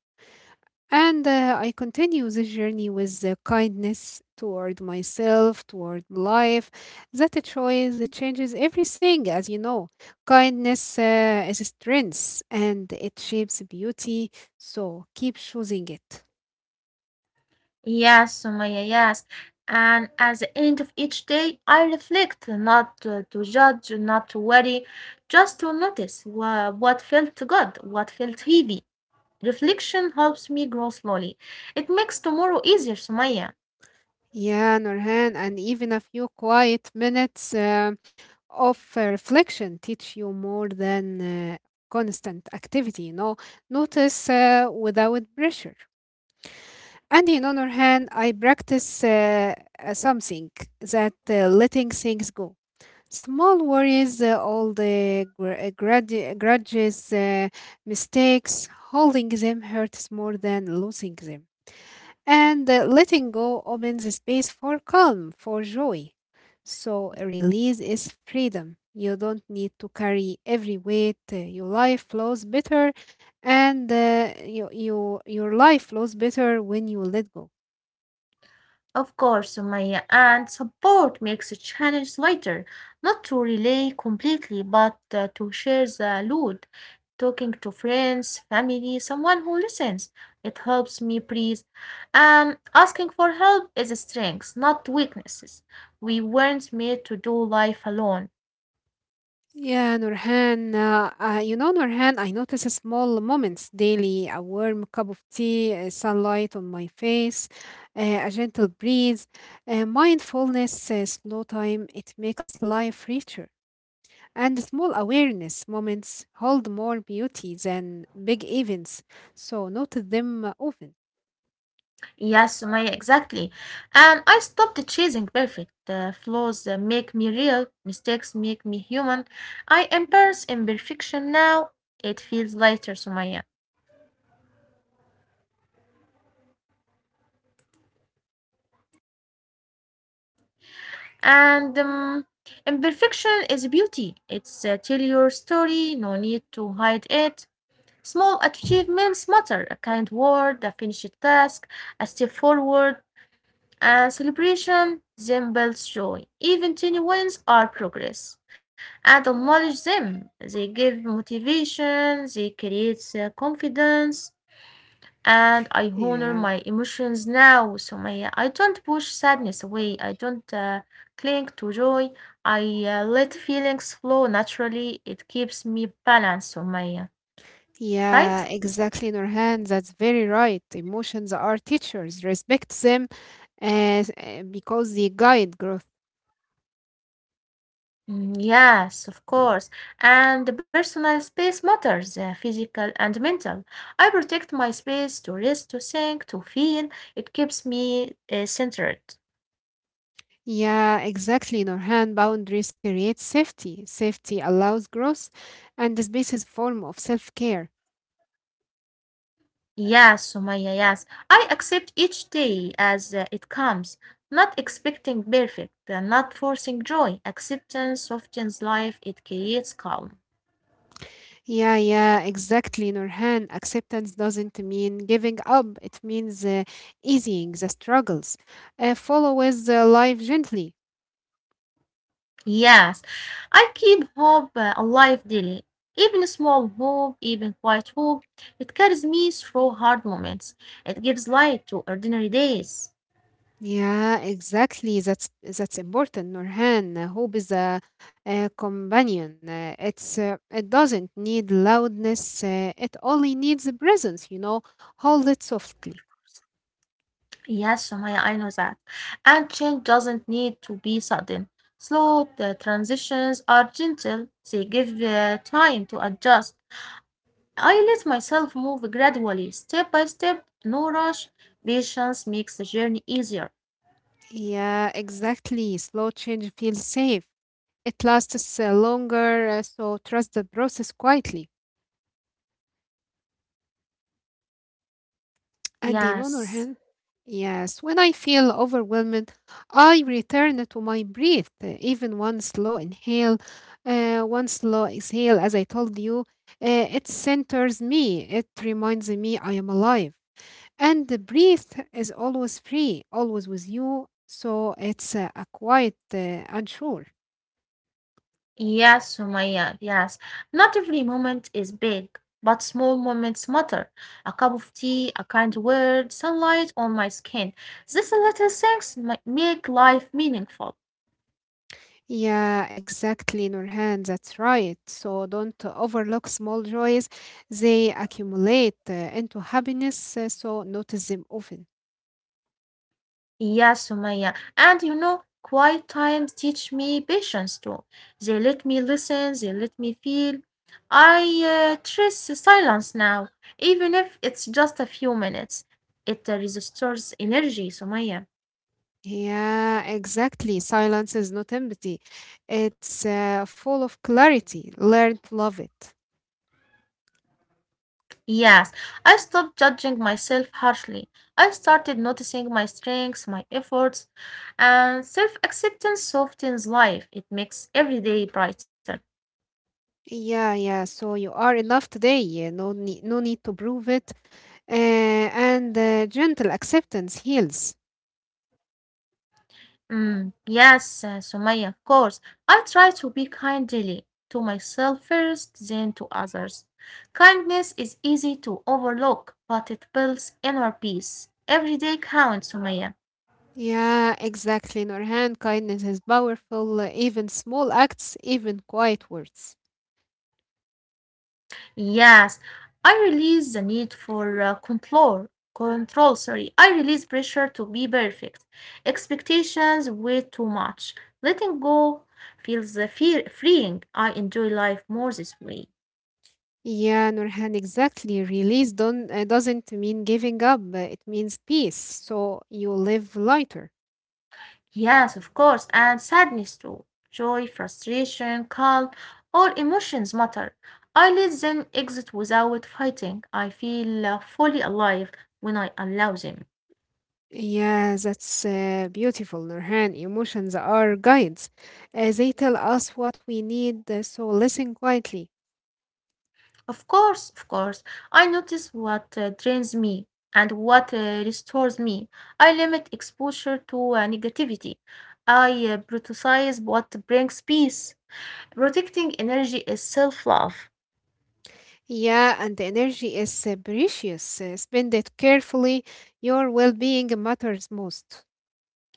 And I continue this journey with kindness toward myself, toward life. That choice that changes everything, as you know. Kindness is strength and it shapes beauty. So keep choosing it. Yes, Sumaya, yes. And at the end of each day, I reflect, not to judge, not to worry, just to notice what felt good, what felt heavy. Reflection helps me grow slowly. It makes tomorrow easier, Sumaya. Yeah, Nurhan, and even a few quiet minutes of reflection teach you more than uh, constant activity, you know. Notice without pressure. And in other hand, I practice something that letting things go. Small worries, all the grudges, mistakes, holding them hurts more than losing them. And letting go opens a space for calm, for joy. So a release is freedom. You don't need to carry every weight. Your life flows better, and your life flows better when you let go. Of course, Sumaya, and support makes a challenge lighter, not to relay completely, but to share the load, talking to friends, family, someone who listens. It helps me breathe. And asking for help is a strength, not weaknesses. We weren't made to do life alone. Yeah, Nurhan. You know, Nurhan, I notice small moments daily, a warm cup of tea, sunlight on my face, a gentle breeze, mindfulness, slow time. It makes life richer. And small awareness moments hold more beauty than big events, so notice them often. Yes, Sumaya, exactly. And I stopped chasing perfect. The flaws make me real, mistakes make me human. I embrace imperfection now. It feels lighter, Sumaya. Yeah, Nurhan, imperfection is beauty. It tells your story. No need to hide it anymore. And imperfection is beauty. It's tell your story, no need to hide it. Small achievements matter. A kind word, a finished task, a step forward, and celebration resembles joy. Even tiny wins are progress. And Yeah, acknowledge them. They give motivation, they create confidence, and I honor my yeah. emotions now. So my, I don't push sadness away. I don't cling to joy. I let feelings flow naturally. It keeps me balanced, Sumaya. Right? Yeah, exactly, Nurhan. That's very right. Emotions are teachers. Respect them because they guide growth. Mm, yes, of course. And the personal space matters, physical and mental. I protect my space to rest, to think, to feel. It keeps me centered. Yeah, exactly, Nurhan. Boundaries create safety. Safety allows growth, and this basis form of self-care. Yes, Sumaya, yes. I accept each day as it comes, not expecting perfect, not forcing joy. Acceptance softens life, it creates calm. Yeah, yeah, exactly, Nurhan. Acceptance doesn't mean giving up. It means easing the struggles. Follow with life gently. Yes, I keep hope alive daily. Even small hope, even quiet hope, it carries me through hard moments. It gives light to ordinary days. Yeah, exactly. That's important, Nurhan. Hope is a companion. It doesn't need loudness. It only needs a presence. You know, hold it softly. Yes, Somaya, I know that. And change doesn't need to be sudden. Slow transitions are gentle, they give time to adjust. I let myself move gradually, step by step, no rush. Patience makes the journey easier. Yeah, exactly. Slow change feels safe. It lasts longer, so trust the process quietly. And in other hand, Yes. yes, when I feel overwhelmed, I return to my breath. Even one slow inhale, one slow exhale, as I told you, it centers me. It reminds me I am alive. And the breath is always free, always with you. So it's a quiet, unsure. Yes, Sumaya, yes. Not every moment is big, but small moments matter. A cup of tea, a kind word, sunlight on my skin. These little things make life meaningful. Yeah, exactly, Nurhan. That's right. So don't overlook small joys. They accumulate into happiness, so notice them often. Yes, Sumaya. And you know, quiet times teach me patience too. They let me listen, they let me feel. I trust the silence now, even if it's just a few minutes. It restores energy, Sumaya. Yeah, exactly. Silence is not empty, it's full of clarity. Learn to love it. Yes, I stopped judging myself harshly. I started noticing my strengths, my efforts, and self acceptance softens life. It makes every day brighter. Yeah, yeah. So you are enough today. Yeah, no need to prove it. Uh, and gentle acceptance heals. Mm, yes, Sumaya, of course. I try to be kind daily to myself first, then to others. Kindness is easy to overlook, but it builds inner peace. Every day counts, Sumaya. Yeah, exactly, Nurhan. Kindness is powerful. Even small acts, even quiet words. Yes, I release the need for control. Control, sorry. I release pressure to be perfect. Expectations weigh too much. Letting go feels fear freeing. I enjoy life more this way. Yeah, Nurhan, exactly. Release don't, doesn't mean giving up, it means peace. So you live lighter. Yes, of course, and sadness too. Joy, frustration, calm, all emotions matter. I let them exit without fighting. I feel fully alive when I allow them. Yeah, that's beautiful, Nurhan. Emotions are guides. They tell us what we need, so listen quietly. Of course, of course. I notice what drains me and what restores me. I limit exposure to negativity. I prioritize what brings peace. Protecting energy is self love, Yeah, and the energy is precious. Spend it carefully. Your well being matters most.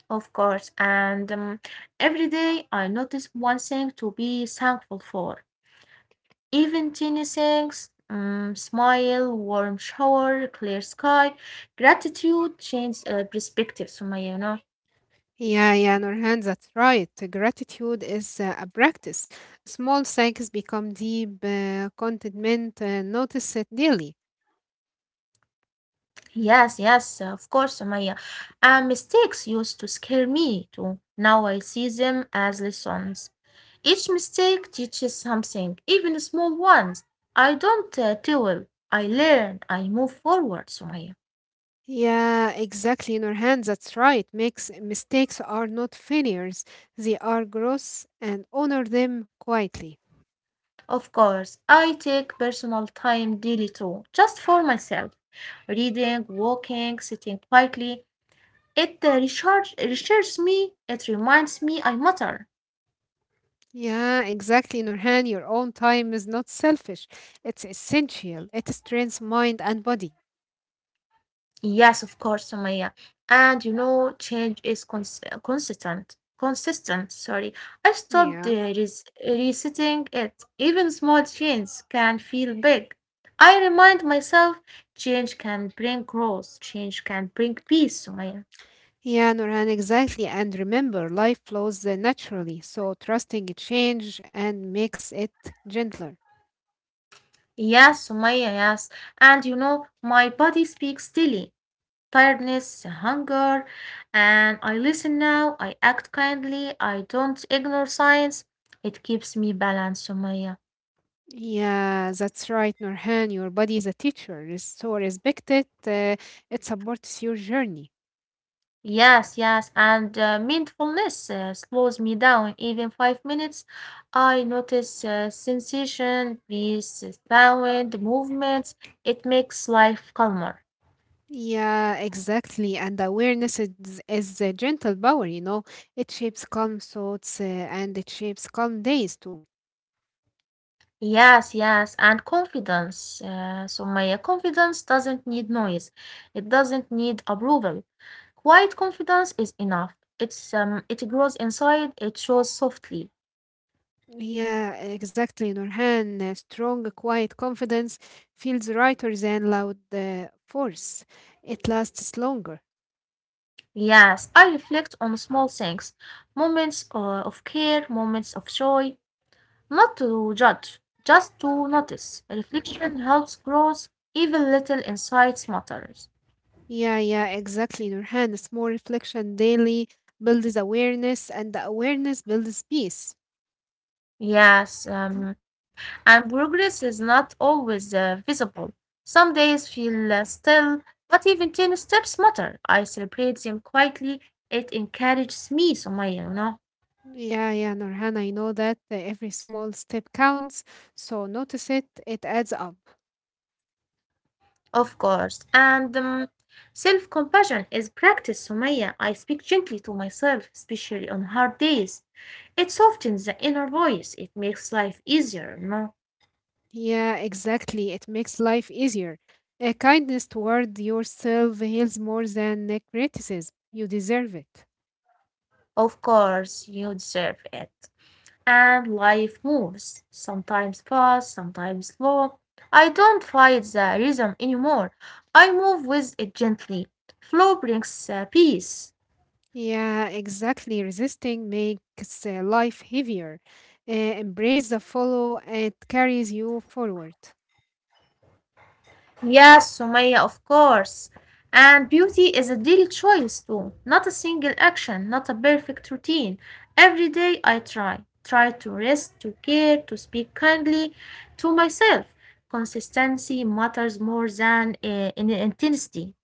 of course. And every day I notice one thing to be thankful for. Even tiny things, smile, warm shower, clear sky, gratitude changes perspectives, Sumaya, you know. Yeah, yeah, Nurhan, that's right. Gratitude is a practice. Small thanks become deep contentment. Notice it daily. Yes, yes, of course, Maya. And mistakes used to scare me too. Now I see them as lessons. Each mistake teaches something, even small ones. I don't dwell. I learn. I move forward, Sumaya. Yeah, exactly, Nurhan, that's right. Mistakes are not failures, they are growth, and honor them quietly. Of course, I take personal time daily too, just for myself. Reading, walking, sitting quietly. It recharges me. It reminds me I matter. Yeah, exactly, Nurhan. Your own time is not selfish, it's essential. It strengthens mind and body. Yes, of course, Sumaya. And you know, change is consistent. Consistent, sorry. I stopped Yeah. Resetting it. Even small changes can feel big. I remind myself change can bring growth, change can bring peace, Sumaya. Yeah, Nurhan, exactly. And remember, life flows naturally, so trusting a change and makes it gentler. Yes, Sumaya, yes. And you know, my body speaks daily: tiredness, hunger, and I listen now, I act kindly, I don't ignore science. It keeps me balanced, Sumaya. Yeah, that's right, Nurhan. Your body is a teacher, so respect it. It supports your journey. Yes, yes, and mindfulness slows me down. Even 5 minutes, I notice sensation, peace, sound, movements. It makes life calmer. Yeah, exactly. And awareness is a gentle power, you know. It shapes calm thoughts and it shapes calm days too. Yes, yes, and confidence. Sumaya, confidence doesn't need noise. It doesn't need approval. Quiet confidence is enough. It's it grows inside, it shows softly. Yeah, exactly, Nurhan. A strong, quiet confidence feels lighter than loud force. It lasts longer. Yes, I reflect on small things, moments of care, moments of joy, not to judge, just to notice. Reflection helps growth, even little insights matters. Yeah, yeah, exactly, Nurhan. It's more reflection daily builds awareness, and the awareness builds peace. Yes, Mhm. And progress is not always visible. Some days feel still, but even 10 steps matter. I celebrate them quietly. It encourages me, so my, you know. Yeah, yeah, Nurhan, I know that every small step counts, so notice it, it adds up. Of course. And self compassion is practice, Sumaya. I speak gently to myself, especially on hard days. It softens the inner voice, it makes life easier, you know. Yeah, exactly. It makes life easier. A kindness toward yourself heals more than a criticism. You deserve it. Of course, you deserve it. And life moves, sometimes fast, sometimes slow. I don't fight the rhythm anymore. I move with it gently. Flow brings peace. Yeah, exactly. Resisting makes life heavier. Embrace the follow, it carries you forward. Yes, Sumaya, of course. And beauty is a daily choice too, not a single action, not a perfect routine. Every day I try to rest, to care, to speak kindly to myself. Consistency matters more than intensity.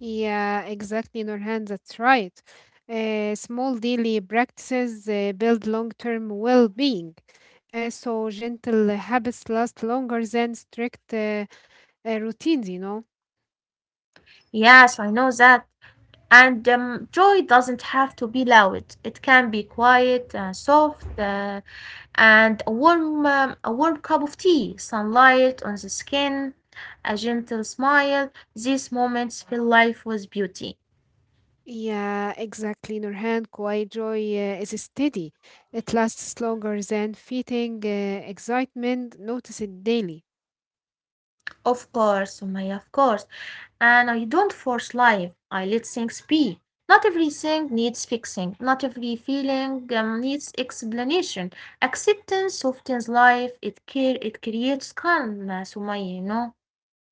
Yeah, exactly, Nurhan. That's right. Small daily practices build long term well being. So, gentle habits last longer than strict routines, you know. Yes, I know that. And joy doesn't have to be loud. It can be quiet, soft, and a warm cup of tea, sunlight on the skin, a gentle smile. These moments fill life with beauty. Yeah, exactly, Nurhan. Quiet joy is steady. It lasts longer than fleeting excitement. Notice it daily. Of course, Sumaya, of course. And I don't force life. I let things be. Not everything needs fixing. Not every feeling needs explanation. Acceptance softens life. It care. It creates calm, Sumaya. You know.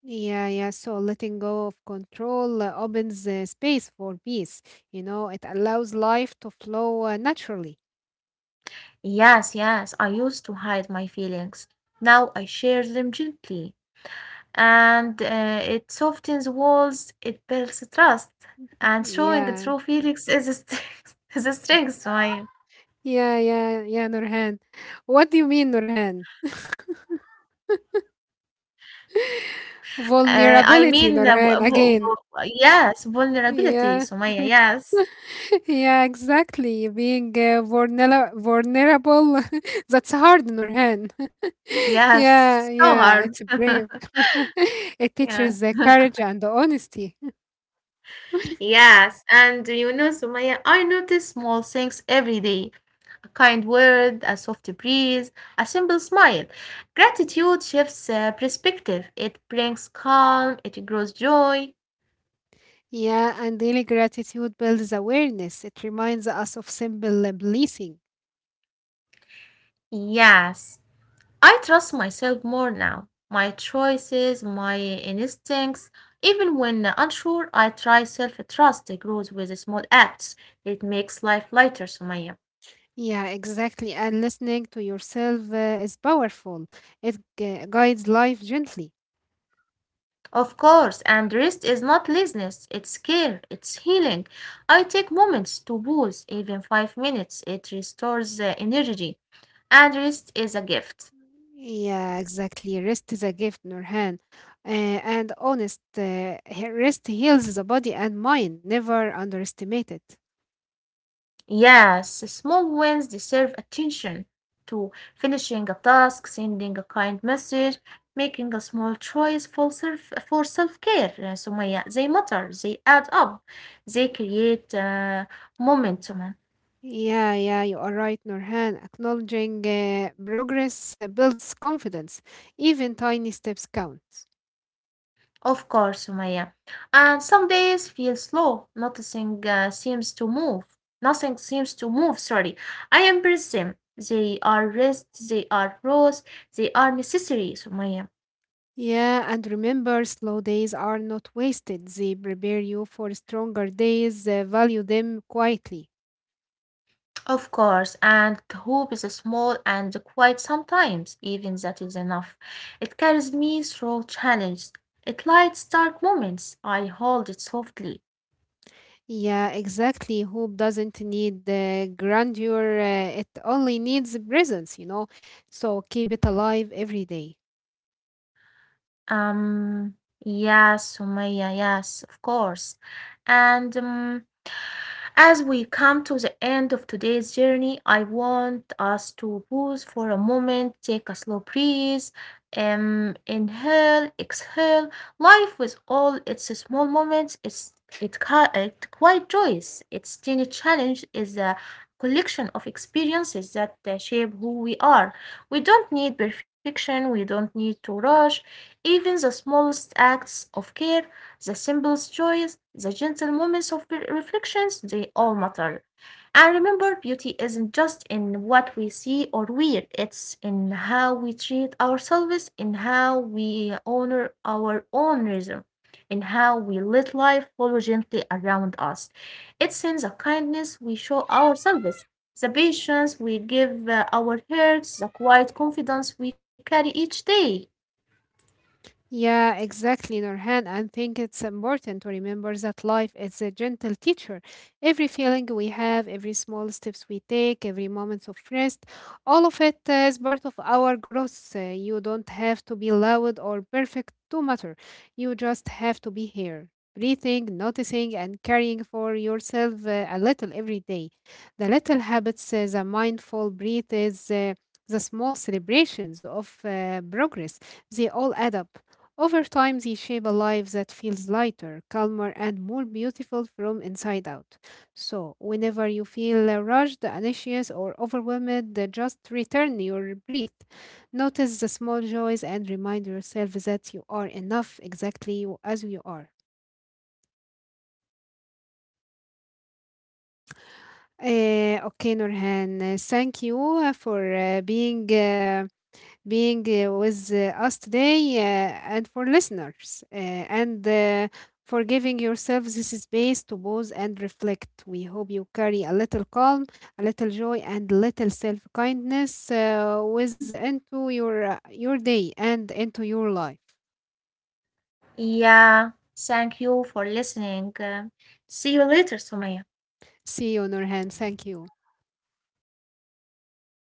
Yeah, yeah. So letting go of control opens space for peace. You know, it allows life to flow naturally. Yes, yes, I used to hide my feelings. Now I share them gently. And it softens walls, it builds trust. And showing Yeah, true feelings is a strength. *laughs* is a strength, Sumaya. yeah, yeah, yeah, Nurhan. What do you mean, Nurhan? I Vulnerability, mean, Nurhan, again. Yes, Yeah. vulnerability, Sumaya. Yes, *laughs* Yeah, exactly. Being vulnera- vulnerable, *laughs* that's hard, Nurhan. *laughs* Yeah, yes, so yeah, hard. it's brave. *laughs* *laughs* It Yes, teaches courage and honesty. *laughs* yes. And you know, Sumaya, I notice small things every day. A kind word, a soft breeze, a simple smile. Gratitude shifts perspective. It brings calm, it grows joy. Yeah, and daily gratitude builds awareness. It reminds us of simple blessing. Yes, I trust myself more now. My choices, my instincts. Even when unsure, I try self trust grows with small acts. It makes life lighter, Sumaya. Yeah, exactly. And listening to yourself is powerful. It guides life gently. Of course, and rest is not laziness, it's care, it's healing. I take moments to pause, even 5 minutes, it restores energy, and rest is a gift. Yeah, exactly. Rest is a gift, Nurhan. Uh, and honest, rest heals the body and mind. Never underestimate it. Yes, small wins deserve attention to finishing a task, sending a kind message, making a small choice for self care. So Maya, they matter, they add up, they create momentum. Yeah, yeah, you are right, Norhan. Acknowledging progress builds confidence. Even tiny steps count. Of course, Sumaya. And some days feel slow. Nothing seems to move. Nothing seems to move. Sorry. I embrace them. They are rest. They are rose. They are necessary, Sumaya. Yeah, and remember, slow days are not wasted. They prepare you for stronger days. Value them quietly. Of course. And hope is small and quiet sometimes. Even that is enough. It carries me through challenges. It lights dark moments. I hold it softly. Yeah, exactly. Hope doesn't need grandeur. It only needs presence, you know. So keep it alive every day. Um. Yes, Sumaya. Yes, of course. And. As we come to the end of today's journey, I want us to pause for a moment, take a slow breath, inhale, exhale. Life with all its small moments is it quite joyous? Its tiny challenge is a collection of experiences that shape who we are. We don't need perfection. We don't need to rush. Even the smallest acts of care, the simplest joys, the gentle moments of reflections, they all matter. And remember, beauty isn't just in what we see or wear, it's in how we treat ourselves, in how we honor our own rhythm, in how we let life follow gently around us. It's in the kindness we show ourselves, the patience we give our hearts, the quiet confidence we carry each day. Yeah, exactly, Nurhan. I think it's important to remember that life is a gentle teacher. Every feeling we have, every small steps we take, every moment of rest, all of it is part of our growth. You don't have to be loud or perfect to matter. You just have to be here, breathing, noticing, and caring for yourself a little every day. The little habits, the mindful breath is the small celebrations of progress. They all add up. Over time, these shape a life that feels lighter, calmer, and more beautiful from inside out. So, whenever you feel rushed, anxious, or overwhelmed, just return your breath. Notice the small joys and remind yourself that you are enough exactly as you are. Okay, Nurhan, thank you for being. Being with us today and for listeners and for giving yourself this space to pause and reflect. We hope you carry a little calm, a little joy, and little self kindness with into your day and into your life. Yeah, thank you for listening. See you later, Sumaya. See you, Nurhan. Thank you.